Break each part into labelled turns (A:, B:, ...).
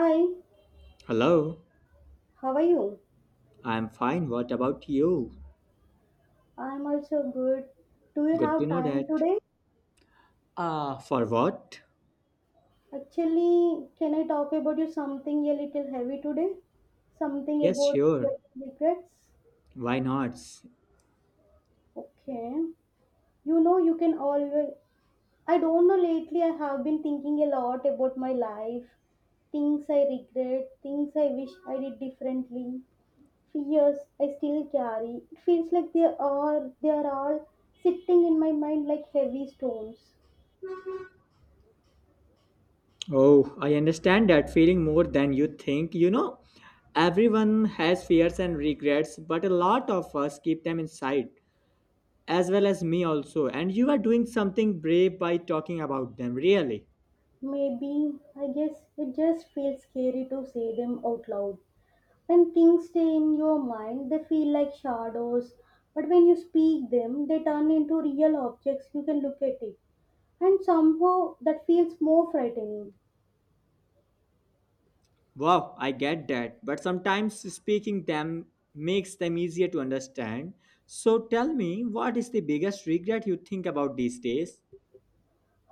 A: Hi,
B: Hello,
A: how are you?
B: I'm fine. What about you?
A: I'm also good. Do you
B: Good to
A: have
B: know
A: time
B: that.
A: today?
B: Ah, for what?
A: Actually, can I talk about you something a little heavy today? Something
B: Yes,
A: about
B: sure.
A: your regrets?
B: Why not?
A: Okay. You know, you can always. I don't know, lately I have been thinking a lot about my life, things I regret, things I wish I did differently, fears I still carry. It feels like they are all sitting in my mind like heavy stones.
B: Oh, I understand that feeling more than you think. You know, everyone has fears and regrets, but a lot of us keep them inside, as well as me also. And you are doing something brave by talking about them, really.
A: Maybe, I guess it just feels scary to say them out loud. When things stay in your mind, they feel like shadows, but when you speak them, they turn into real objects you can look at it. And somehow that feels more frightening.
B: Wow, I get that, but sometimes speaking them makes them easier to understand. So tell me, what is the biggest regret you think about these days?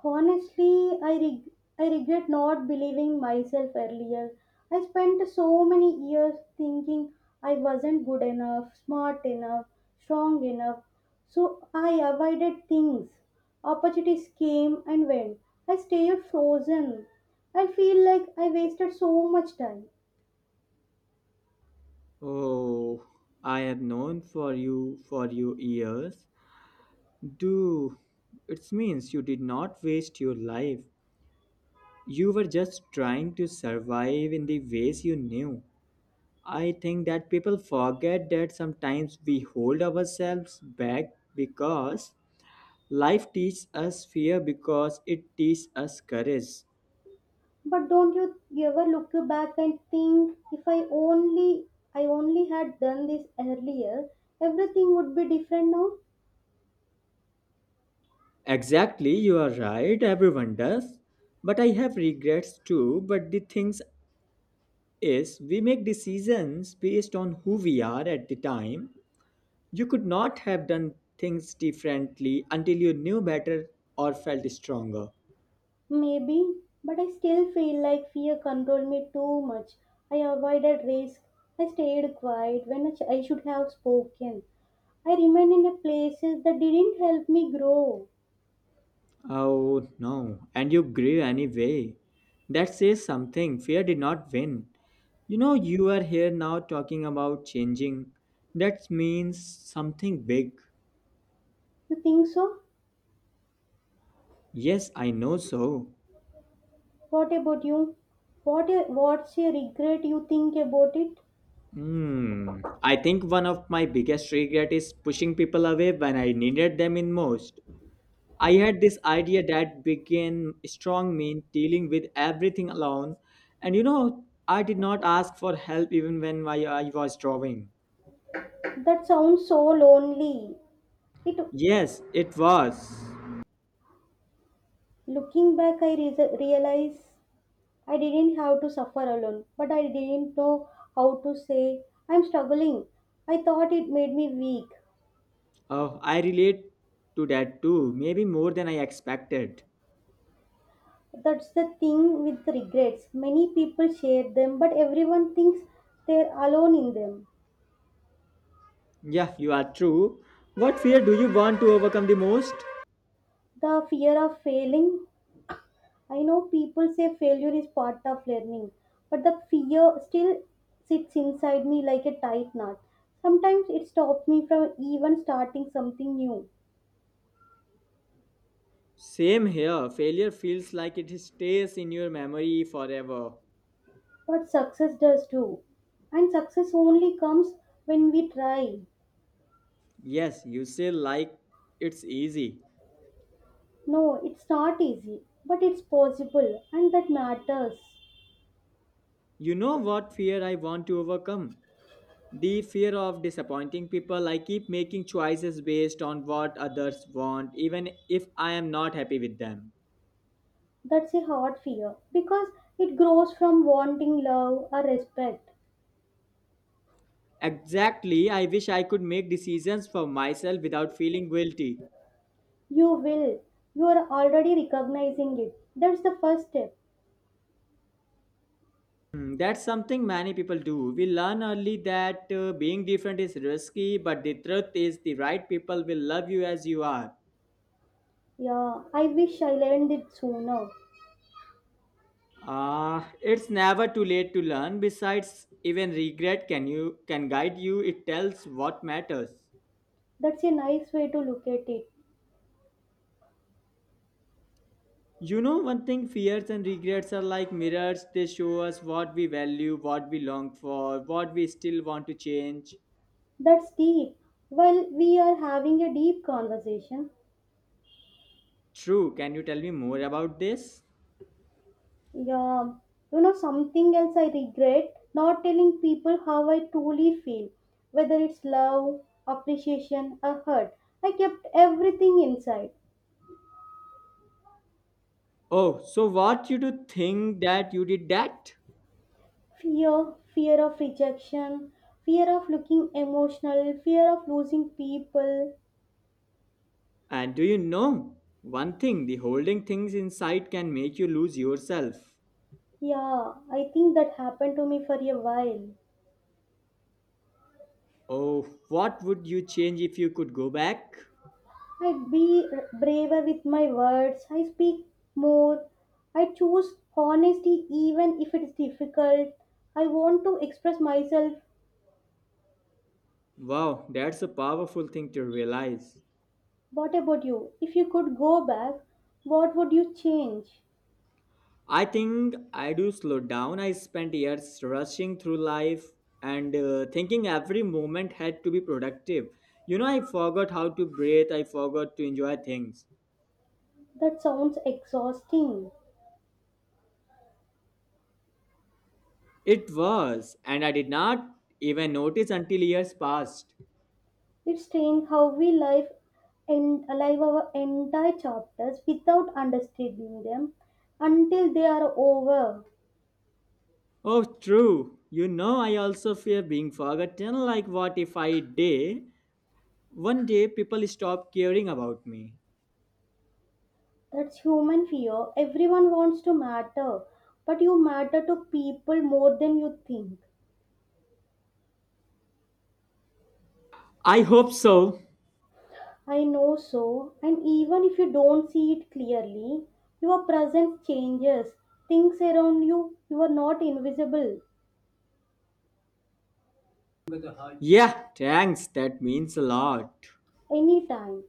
A: Honestly, I regret not believing myself earlier. I spent so many years thinking I wasn't good enough, smart enough, strong enough. So I avoided things. Opportunities came and went. I stayed frozen. I feel like I wasted so much time.
B: Oh, I have known for you years. Do it means you did not waste your life. You were just trying to survive in the ways you knew. I think that people forget that sometimes we hold ourselves back because life teaches us fear because it teaches us courage.
A: But don't you ever look back and think if I only had done this earlier, everything would be different now?
B: Exactly, you are right, everyone does. But I have regrets too. But the things is, we make decisions based on who we are at the time. You could not have done things differently until you knew better or felt stronger.
A: Maybe, but I still feel like fear controlled me too much. I avoided risk. I stayed quiet when I should have spoken. I remained in a places that didn't help me grow.
B: Oh no, and you grew anyway. That says something. Fear did not win. You know, you are here now talking about changing. That means something big.
A: You think so?
B: Yes, I know so.
A: What about you? What's a regret you think about it?
B: Hmm. I think one of my biggest regret is pushing people away when I needed them in most. I had this idea that began strong mean dealing with everything alone, and you know, I did not ask for help even when my I was drawing.
A: That sounds so lonely. It
B: Yes, it was.
A: Looking back, realize I didn't have to suffer alone, but I didn't know how to say, I'm struggling. I thought it made me weak.
B: Oh, I relate to that too, maybe more than I expected.
A: That's the thing with regrets. Many people share them, but everyone thinks they're alone in them.
B: Yeah, you are true. What fear do you want to overcome the most?
A: The fear of failing. I know people say failure is part of learning, but the fear still sits inside me like a tight knot. Sometimes it stops me from even starting something new.
B: Same here. Failure feels like it stays in your memory forever.
A: What success does too. And success only comes when we try.
B: Yes, you say like it's easy.
A: No, it's not easy, but it's possible, and that matters.
B: You know what fear I want to overcome? The fear of disappointing people. I keep making choices based on what others want, even if I am not happy with them.
A: That's a hard fear because it grows from wanting love or respect.
B: Exactly, I wish I could make decisions for myself without feeling guilty.
A: You will. You are already recognizing it. That's the first step.
B: Hmm, that's something many people do. We learn early that being different is risky, but the truth is, the right people will love you as you are.
A: Yeah, I wish I learned it sooner.
B: It's never too late to learn. Besides, even regret can you can guide you. It tells what matters.
A: That's a nice way to look at it.
B: You know, one thing: fears and regrets are like mirrors. They show us what we value, what we long for, what we still want to change.
A: That's deep. Well, we are having a deep conversation.
B: True. Can you tell me more about this?
A: Yeah, you know, something else I regret not telling people how I truly feel, whether it's love, appreciation, or hurt. I kept everything inside
B: Oh, so what you do think that you did that?
A: fear of rejection, fear of looking emotional, fear of losing people.
B: And do you know one thing? The holding things inside can make you lose yourself.
A: Yeah, I think that happened to me for a while.
B: Oh, what would you change if you could go back?
A: I be braver with my words. I speak more. I choose honesty even if it's difficult. I want to express myself.
B: Wow, that's a powerful thing to realize.
A: What about you? If you could go back, what would you change?
B: I think I do slow down. I spent years rushing through life and thinking every moment had to be productive. You know, I forgot how to breathe, I forgot to enjoy things.
A: That sounds exhausting.
B: It was, and I did not even notice until years passed.
A: It's strange how we live and alive our entire chapters without understanding them until they are over.
B: Oh, true. You know, I also fear being forgotten. Like, what if I day one day people stop caring about me?
A: That's human fear. Everyone wants to matter, but you matter to people more than you think.
B: I hope so.
A: I know so, and even if you don't see it clearly, your presence changes. Things around you, you are not invisible
B: Yeah, thanks. That means a lot.
A: anytime.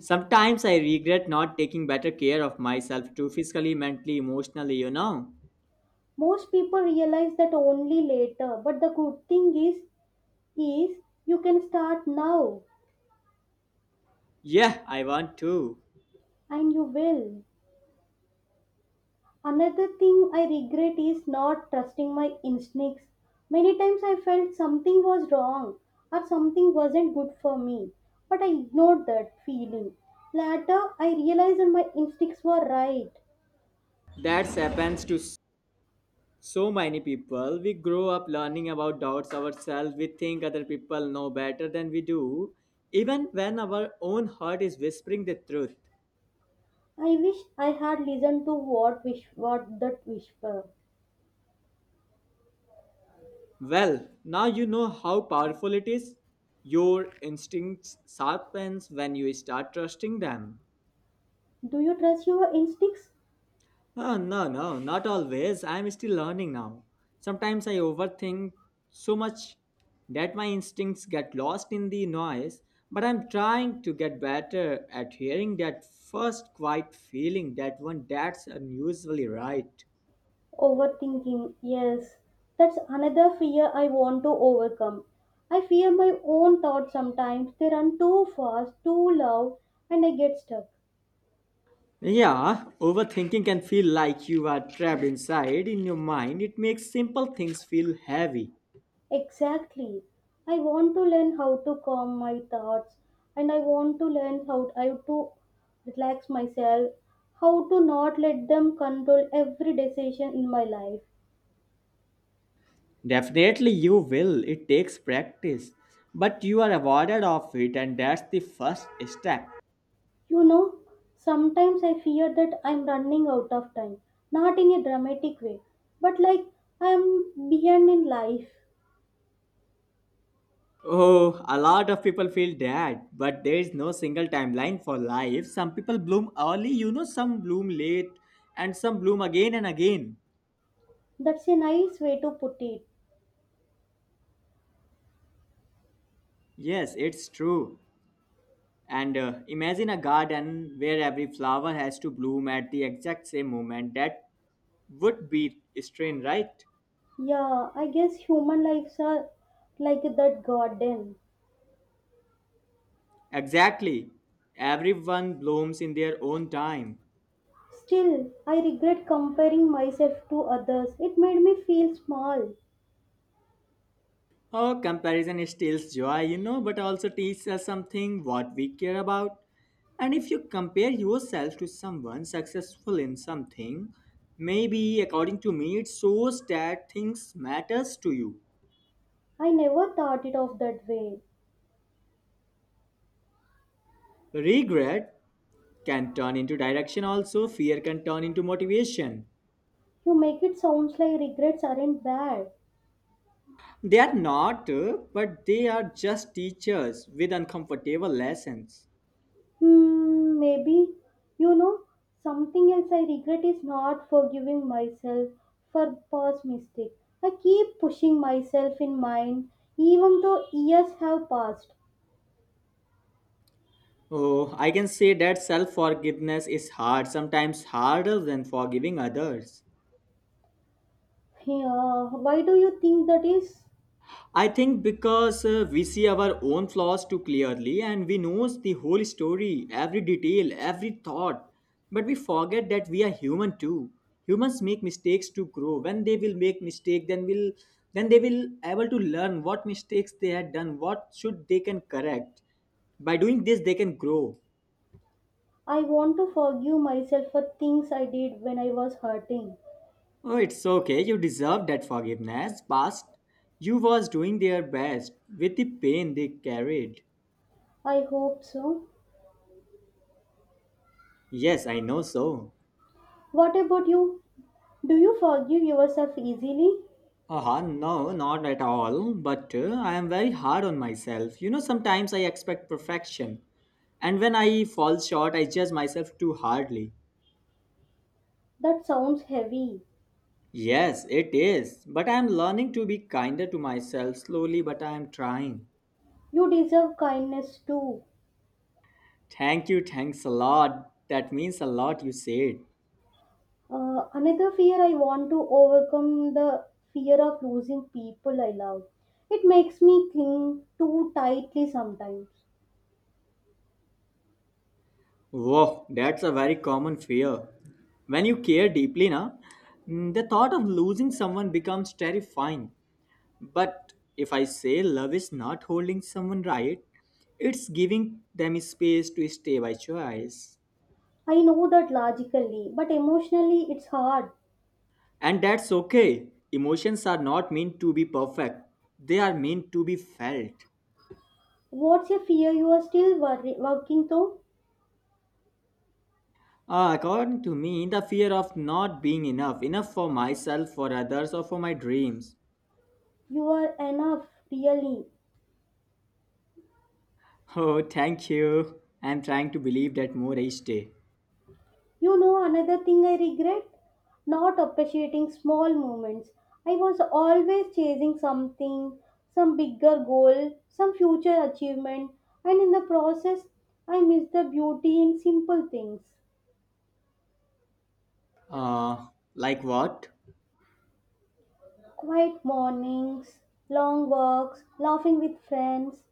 B: Sometimes I regret not taking better care of myself too physically, mentally, emotionally, you know.
A: Most people realize that only later, but the good thing is you can start now
B: Yeah, I want to.
A: and you will. Another thing I regret is not trusting my instincts. Many times I felt something was wrong or something wasn't good for me, but I ignored that feeling. Later, I realized that my instincts were right.
B: That happens to so many people, we grow up learning about doubts ourselves. We think other people know better than we do, even when our own heart is whispering the truth.
A: I wish I had listened to what that whisper.
B: Well, now you know how powerful it is. Your instincts sharpens when you start trusting them.
A: Do you trust your instincts?
B: No, no, not always. I'm still learning now. Sometimes I overthink so much that my instincts get lost in the noise, but I'm trying to get better at hearing that first quiet feeling, that one that's unusually right.
A: Overthinking, yes. That's another fear I want to overcome. I fear my own thoughts sometimes. They run too fast, too loud, and I get stuck.
B: Yeah, overthinking can feel like you are trapped inside in your mind. It makes simple things feel heavy.
A: Exactly. I want to learn how to calm my thoughts, and I want to learn how I to relax myself, how to not let them control every decision in my life.
B: Definitely, you will. It takes practice. But you are awarded of it, and that's the first step.
A: You know, sometimes I fear that I'm running out of time. Not in a dramatic way, but like I'm behind in life.
B: Oh, a lot of people feel that, but there is no single timeline for life. Some people bloom early, you know, some bloom late, and some bloom again and again.
A: That's a nice way to put it.
B: Yes, it's true. And imagine a garden where every flower has to bloom at the exact same moment. That would be strain, right?
A: Yeah, I guess human lives are like that garden.
B: Exactly. Everyone blooms in their own time.
A: Still, I regret comparing myself to others. It made me feel small.
B: Oh, comparison steals joy, you know, but also teaches us something what we care about. And if you compare yourself to someone successful in something, maybe according to me, it shows that things matters to you.
A: I never thought it of that way.
B: Regret can turn into direction also, fear can turn into motivation.
A: You make it sounds like regrets aren't bad.
B: They are not, but they are just teachers with uncomfortable lessons.
A: Hmm, maybe. You know, something else I regret is not forgiving myself for past mistake. I keep pushing myself in mind even though years have passed.
B: Oh, I can say that self forgiveness is hard, sometimes harder than forgiving others.
A: Yeah, why do you think that is?
B: I think because we see our own flaws too clearly and we know the whole story, every detail, every thought, but we forget that we are human too. Humans make mistakes to grow. When they will make mistake, then they will able to learn what mistakes they had done, what should they can correct. By doing this, they can grow.
A: I want to forgive myself for things I did when I was hurting.
B: Oh, it's okay. You deserve that forgiveness. Past you was doing their best with the pain they carried.
A: I hope so.
B: Yes, I know so.
A: What about you? Do you forgive yourself easily?
B: No, not at all. But I am very hard on myself. You know, sometimes I expect perfection. And when I fall short, I judge myself too hardly.
A: That sounds heavy.
B: Yes, it is. But I am learning to be kinder to myself slowly, but I am trying.
A: You deserve kindness too.
B: Thank you, thanks a lot. That means a lot you said.
A: Another fear I want to overcome the fear of losing people I love. It makes me cling too tightly sometimes.
B: Wow, that's a very common fear. When you care deeply, the thought of losing someone becomes terrifying. But if I say love is not holding someone right, it's giving them space to stay by choice.
A: I know that logically, but emotionally it's hard.
B: And that's okay. Emotions are not meant to be perfect, they are meant to be felt.
A: What's your fear? You are still worry- working though.
B: According to me, the fear of not being enough, enough for myself, for others, or for my dreams.
A: You are enough, really.
B: Oh, thank you. I'm trying to believe that more each day.
A: You know, another thing I regret? Not appreciating small moments. I was always chasing something, some bigger goal, some future achievement, and in the process, I missed the beauty in simple things.
B: Uh, like what?
A: Quiet mornings, long walks, laughing with friends,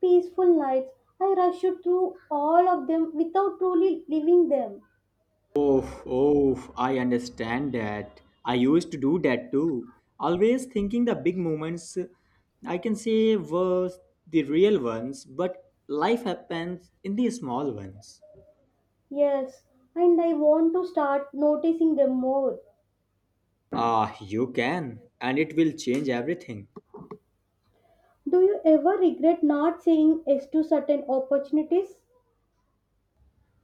A: peaceful nights. I rushed through all of them without truly living them.
B: Oh, oh, I understand that. I used to do that too. Always thinking the big moments, I can say, were the real ones, but life happens in the small ones.
A: Yes, and I want to start noticing them more.
B: Ah, you can, and it will change everything.
A: Do you ever regret not saying yes to certain opportunities?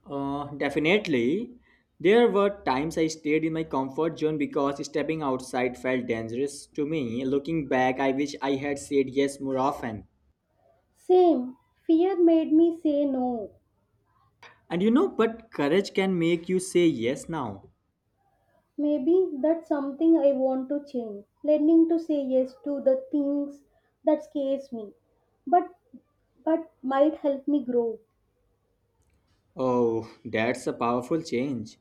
B: Definitely. There were times I stayed in my comfort zone because stepping outside felt dangerous to me. Looking back, I wish I had said yes more often.
A: Same. Fear made me say no.
B: And you know, but courage can make you say yes now.
A: Maybe that's something I want to change. Learning to say yes to the things that scares me, but but might help me grow.
B: Oh, that's a powerful change.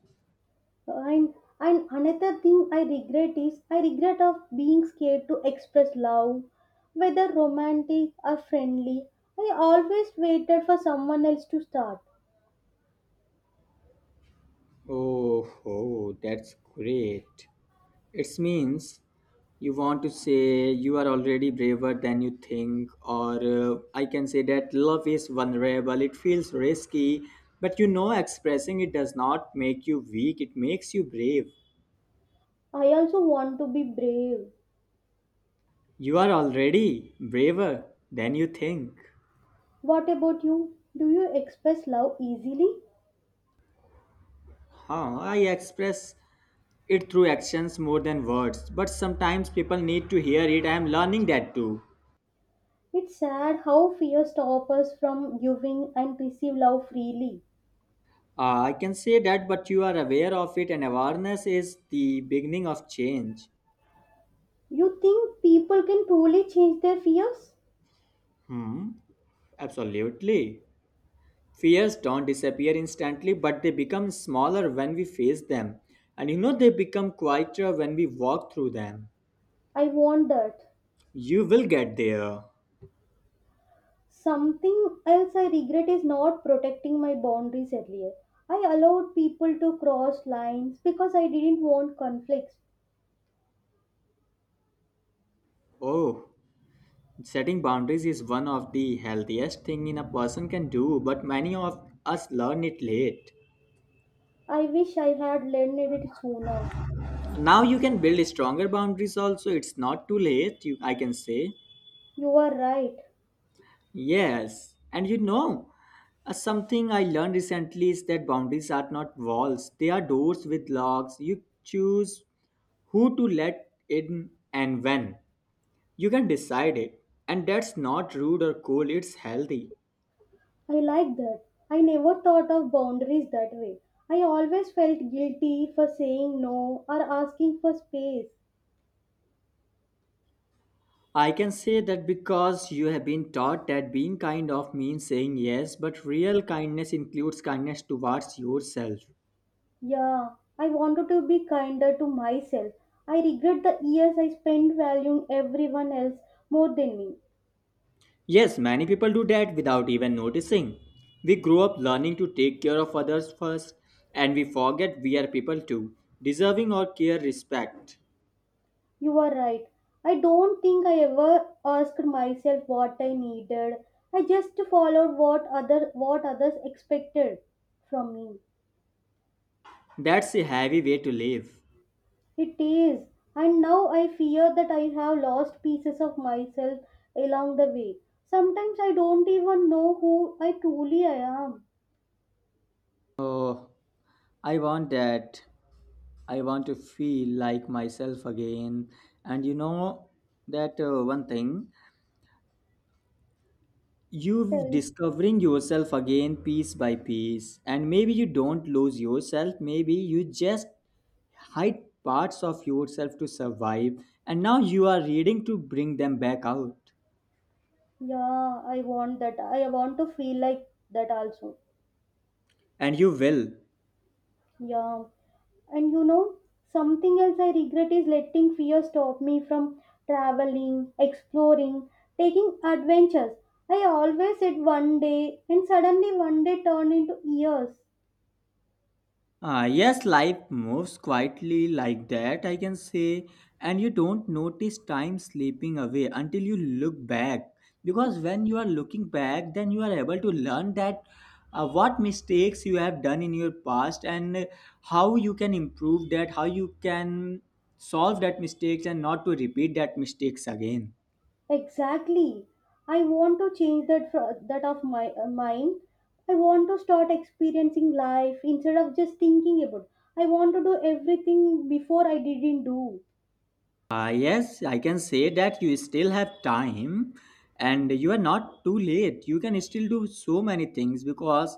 A: And and another thing I regret is I regret of being scared to express love, whether romantic or friendly. I always waited for someone else to start.
B: Oh, oh, that's great. It means you want to say you are already braver than you think or I can say that love is vulnerable, it feels risky, but you know expressing it does not make you weak, it makes you brave.
A: I also want to be brave.
B: You are already braver than you think.
A: What about you? Do you express love easily?
B: I express it through actions more than words, but sometimes people need to hear it, I am learning that too.
A: It's sad how fear stops us from giving and receive love freely.
B: I can say that, but you are aware of it and awareness is the beginning of change.
A: You think people can truly change their fears?
B: Hmm, absolutely. Fears don't disappear instantly, but they become smaller when we face them. And you know, they become quieter when we walk through them.
A: I want that.
B: You will get there.
A: Something else I regret is not protecting my boundaries earlier. I allowed people to cross lines because I didn't want conflicts.
B: Oh, setting boundaries is one of the healthiest thing in a person can do, but many of us learn it late.
A: I wish I had learned it sooner.
B: Now you can build stronger boundaries also. It's not too late, you, I can say.
A: You are right.
B: Yes, and you know, something I learned recently is that boundaries are not walls, they are doors with locks. You choose who to let in and when. You can decide it, and that's not rude or cool, it's healthy.
A: I like that. I never thought of boundaries that way. I always felt guilty for saying no or asking for space.
B: I can say that because you have been taught that being kind of means saying yes, but real kindness includes kindness towards yourself.
A: Yeah, I wanted to be kinder to myself. I regret the years I spent valuing everyone else more than me.
B: Yes, many people do that without even noticing. We grow up learning to take care of others first, and we forget we are people too, deserving our care respect.
A: You are right. I don't think I ever asked myself what I needed. I just followed what others expected from me.
B: That's a heavy way to live.
A: It is, and now I fear that I have lost pieces of myself along the way. Sometimes I don't even know who I truly I am.
B: Oh, I want that. I want to feel like myself again. And you know that one thing, you
A: Tell,
B: discovering yourself again piece by piece. And maybe you don't lose yourself, maybe you just hide parts of yourself to survive. And now you are reading to bring them back out.
A: yeah, I want that. I want to feel like that also.
B: And you will.
A: Yeah, and you know, something else I regret is letting fear stop me from traveling, exploring, taking adventures. I always said one day, and suddenly one day turned into years.
B: Ah, yes, life moves quietly like that, I can say, and you don't notice time slipping away until you look back. Because when you are looking back, then you are able to learn that what mistakes you have done in your past and how you can improve that, how you can solve that mistakes and not to repeat that mistakes again.
A: Exactly. I want to change that that of my mind. I want to start experiencing life instead of just thinking about. I want to do everything before I didn't do.
B: Ah, yes, I can say that you still have time and you are not too late. You can still do so many things because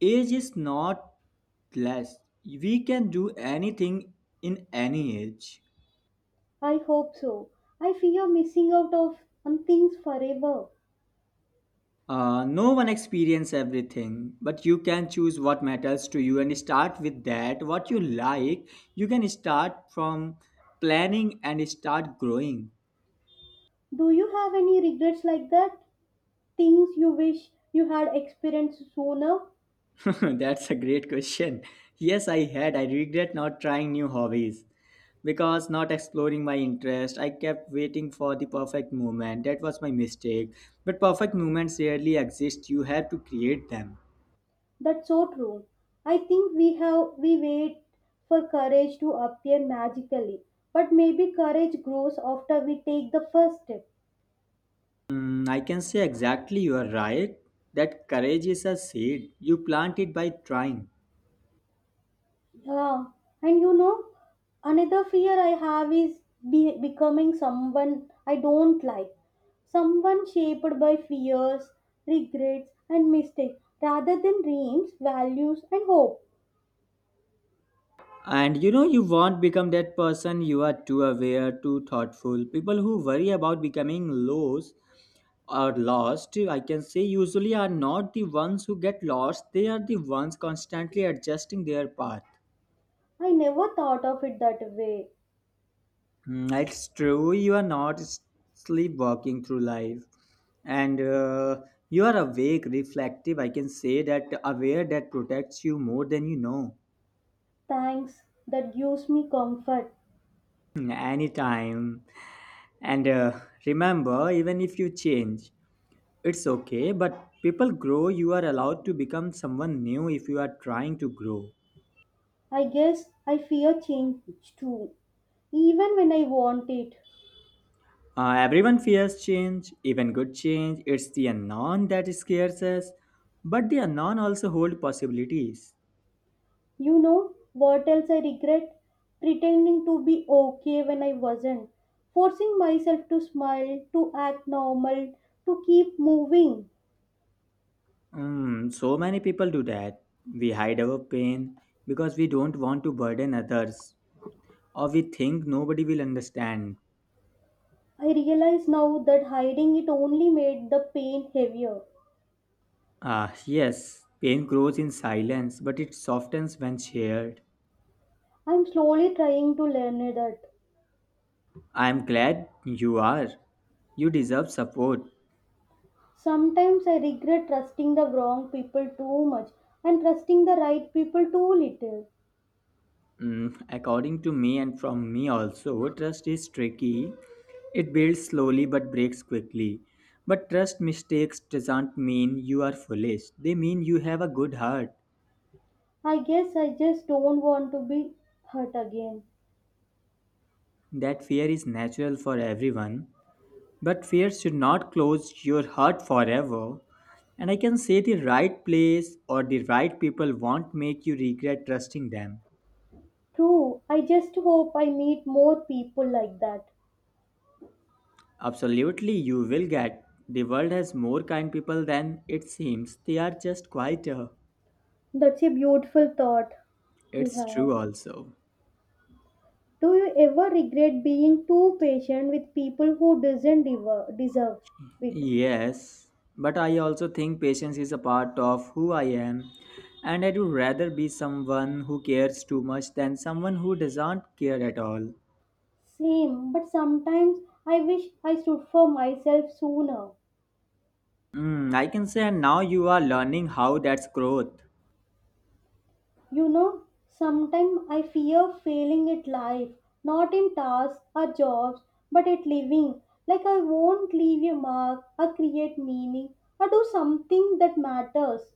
B: age is not less. We can do anything in any age.
A: I hope so. I fear missing out of on things forever.
B: No one experience everything, but you can choose what matters to you and start with that. What you like, you can start from planning and start growing.
A: Do you have any regrets like that? Things you wish you had experienced sooner?
B: That's a great question. Yes, I had. I regret not trying new hobbies, because not exploring my interest, I kept waiting for the perfect moment. That was my mistake, but perfect moments rarely exist. You have to create them.
A: That's so true. I think we wait for courage to appear magically, but maybe courage grows after we take the first step.
B: I can say exactly you are right. That courage is a seed. You plant it by trying.
A: Yeah, and you know, another fear I have is becoming someone I don't like, someone shaped by fears, regrets, and mistakes rather than dreams, values, and hope.
B: And you know, you won't become that person. You are too aware, too thoughtful. People who worry about becoming lost or lost, I can say, usually are not the ones who get lost. They are the ones constantly adjusting their path.
A: I never thought of it that way.
B: It's true, you are not sleepwalking through life, and you are awake, reflective. I can say that aware that protects you more than you know.
A: Thanks, that gives me comfort.
B: Hmm, anytime. And remember, even if you change, it's okay, but people grow. You are allowed to become someone new if you are trying to grow.
A: I guess I fear change too, even when I want it.
B: Everyone fears change, even good change. It's the unknown that scares us, but the unknown also holds possibilities.
A: You know what else I regret? Pretending to be okay when I wasn't, forcing myself to smile, to act normal, to keep moving.
B: So many people do that. We hide our pain because we don't want to burden others, or we think nobody will understand.
A: I realize now that hiding it only made the pain heavier.
B: Ah, yes, pain grows in silence, but it softens when shared.
A: I'm slowly trying to learn that.
B: I am glad you are. You deserve support.
A: Sometimes I regret trusting the wrong people too much and trusting the right people too little.
B: Mm, according to me and from me also, trust is tricky. It builds slowly but breaks quickly. But trust mistakes doesn't mean you are foolish. They mean you have a good heart.
A: I guess I just don't want to be hurt again.
B: That fear is natural for everyone, but fear should not close your heart forever. And I can say the right place or the right people won't make you regret trusting them.
A: True, I just hope I meet more people like that.
B: Absolutely, you will get. The world has more kind people than it seems. They are just quieter.
A: That's a beautiful thought you
B: It's true
A: have.
B: also.
A: Do you ever regret being too patient with people who doesn't deserve, deserve it?
B: Yes, but I also think patience is a part of who I am, and I would rather be someone who cares too much than someone who doesn't care at all.
A: Same, but sometimes I wish I stood for myself sooner.
B: I can say, and now you are learning how that's growth.
A: You know, sometimes I fear failing at life, not in tasks or jobs, but at living. Like I won't leave a mark or create meaning or do something that matters.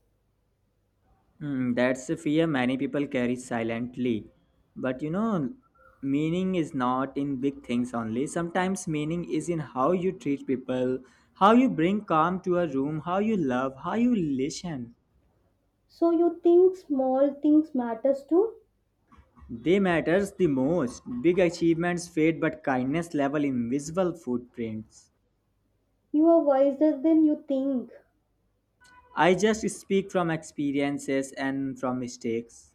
B: That's a fear many people carry silently. But you know, meaning is not in big things only. Sometimes meaning is in how you treat people, how you bring calm to a room, how you love, how you listen.
A: So you think small things matters too?
B: They matters the most. Big achievements fade, but kindness level invisible footprints.
A: You are wiser than you think.
B: I just speak from experiences and from mistakes.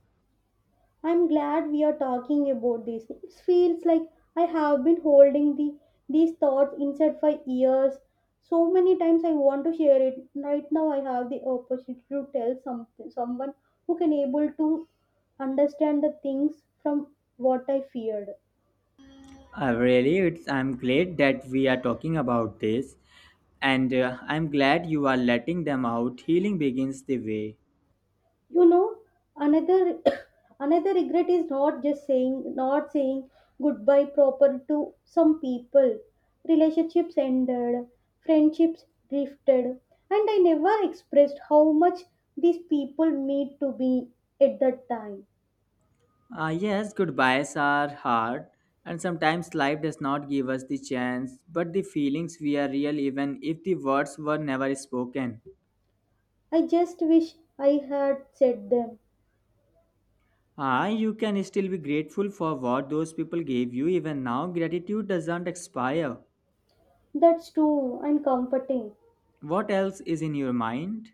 A: I'm glad we are talking about this. It feels like I have been holding the these thoughts inside for years. So many times I want to share it. Right now I have the opportunity to tell something someone who can able to understand the things from what I feared.
B: Really, I'm glad that we are talking about this, and I'm glad you are letting them out. Healing begins the way.
A: You know, another another regret is not saying goodbye proper to some people, relationships ended, friendships drifted, and I never expressed how much these people meant to me at that time.
B: Ah, yes, goodbyes are hard, and sometimes life does not give us the chance, but the feelings we are real even if the words were never spoken.
A: I just wish I had said them.
B: Ah, you can still be grateful for what those people gave you even now. Gratitude doesn't expire.
A: That's true and comforting.
B: What else is in your mind?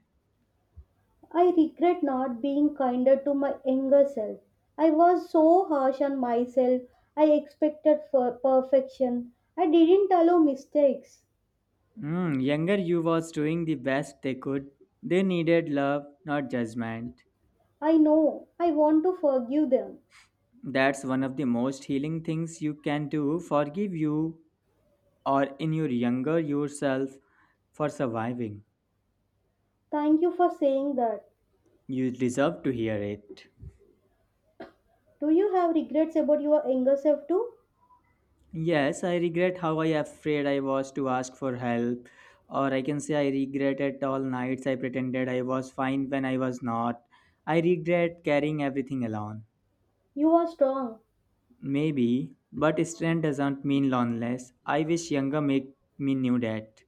A: I regret not being kinder to my younger self. I was so harsh on myself. I expected for perfection. I didn't allow mistakes.
B: Hmm, younger you was doing the best they could. They needed love, not judgment.
A: I know. I want to forgive them.
B: That's one of the most healing things you can do. Forgive you or in your younger yourself for surviving.
A: Thank you for saying that.
B: You deserve to hear it.
A: Do you have regrets about your younger self too?
B: Yes, I regret how I afraid I was to ask for help. Or I can say I regretted all nights I pretended I was fine when I was not. I regret carrying everything alone.
A: You are strong.
B: Maybe, but strength doesn't mean loneliness. I wish younger make me knew that.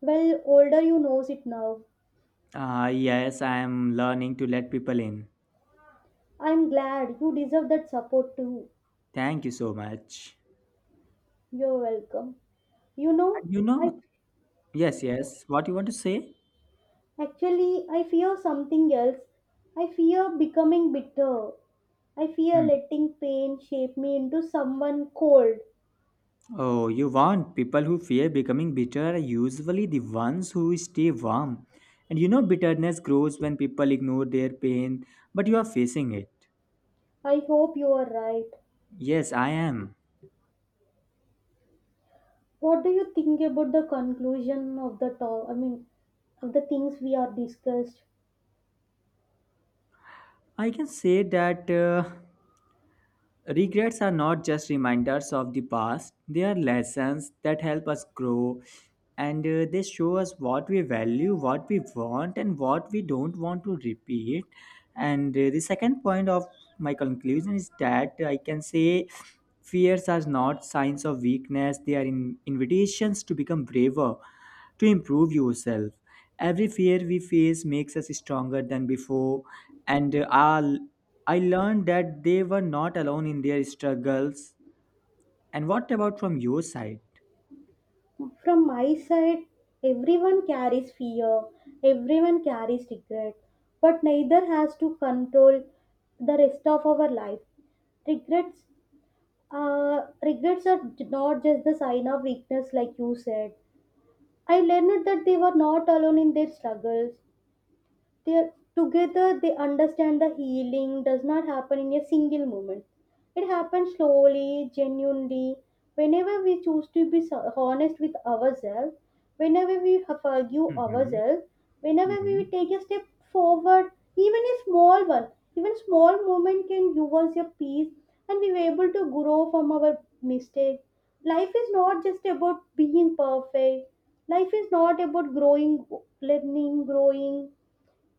A: Well, older you knows it now.
B: Ah, yes, I am learning to let people in.
A: I'm glad you deserve that support too.
B: Thank you so much.
A: You're welcome. You know,
B: And you
A: I.
B: know, yes, yes. What you want to say?
A: Actually, I fear something else. I fear becoming bitter. I fear
B: Hmm.
A: letting pain shape me into someone cold.
B: Oh, you want people who fear becoming bitter are usually the ones who stay warm. And you know, bitterness grows when people ignore their pain, but you are facing it.
A: I hope you are right.
B: Yes, I am.
A: What do you think about the conclusion of the talk? I mean, of the things we are discussed.
B: I can say that. Regrets are not just reminders of the past, they are lessons that help us grow, and they show us what we value, what we want, and what we don't want to repeat. And the second point of my conclusion is that I can say fears are not signs of weakness, they are invitations to become braver, to improve yourself. Every fear we face makes us stronger than before. And I'll- I learned that they were not alone in their struggles. And what about from your side?
A: From my side, everyone carries fear. Everyone carries regret. But neither has to control the rest of our life. Regrets. Regrets are not just the sign of weakness, like you said. I learned that they were not alone in their struggles, they together they understand the healing does not happen in a single moment, it happens slowly, genuinely, whenever we choose to be honest with ourselves, whenever we have forgive
B: Hmm.
A: ourselves, whenever we
B: Hmm.
A: take a step forward, even a small one, even small moment can give us a peace, and we were able to grow from our mistake. Life is not just about being perfect, life is not about growing, learning, growing,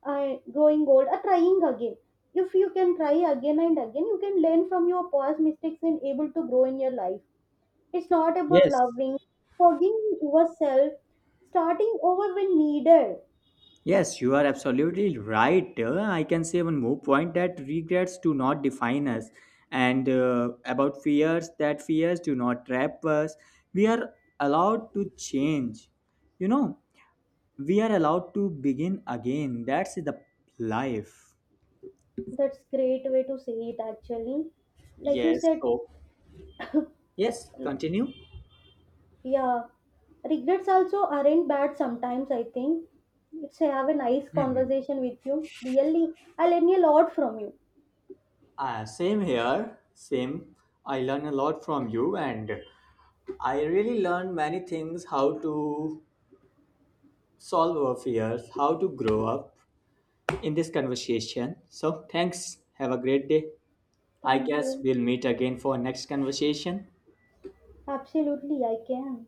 A: growing old or trying again. If you can try again and again, you can learn from your past mistakes and able to grow in your life. It's not about
B: Yes.
A: loving, forgiving yourself, starting over when needed.
B: Yes, you are absolutely right. I can say one more point that regrets do not define us, and about fears that fears do not trap us. We are allowed to change. You know, we are allowed to begin again. That's the life.
A: That's great way to say it actually, like you
B: Yes,
A: said.
B: so yes, continue.
A: Yeah, regrets also aren't bad sometimes I think. It's have a nice conversation with you really. I learn a lot from you.
B: Same here, same. I learn a lot from you, and I really learn many things: how to solve our fears, how to grow up in this conversation. So thanks, have a great day. I
A: Thank
B: guess
A: you.
B: we'll meet again for next conversation.
A: Absolutely I can.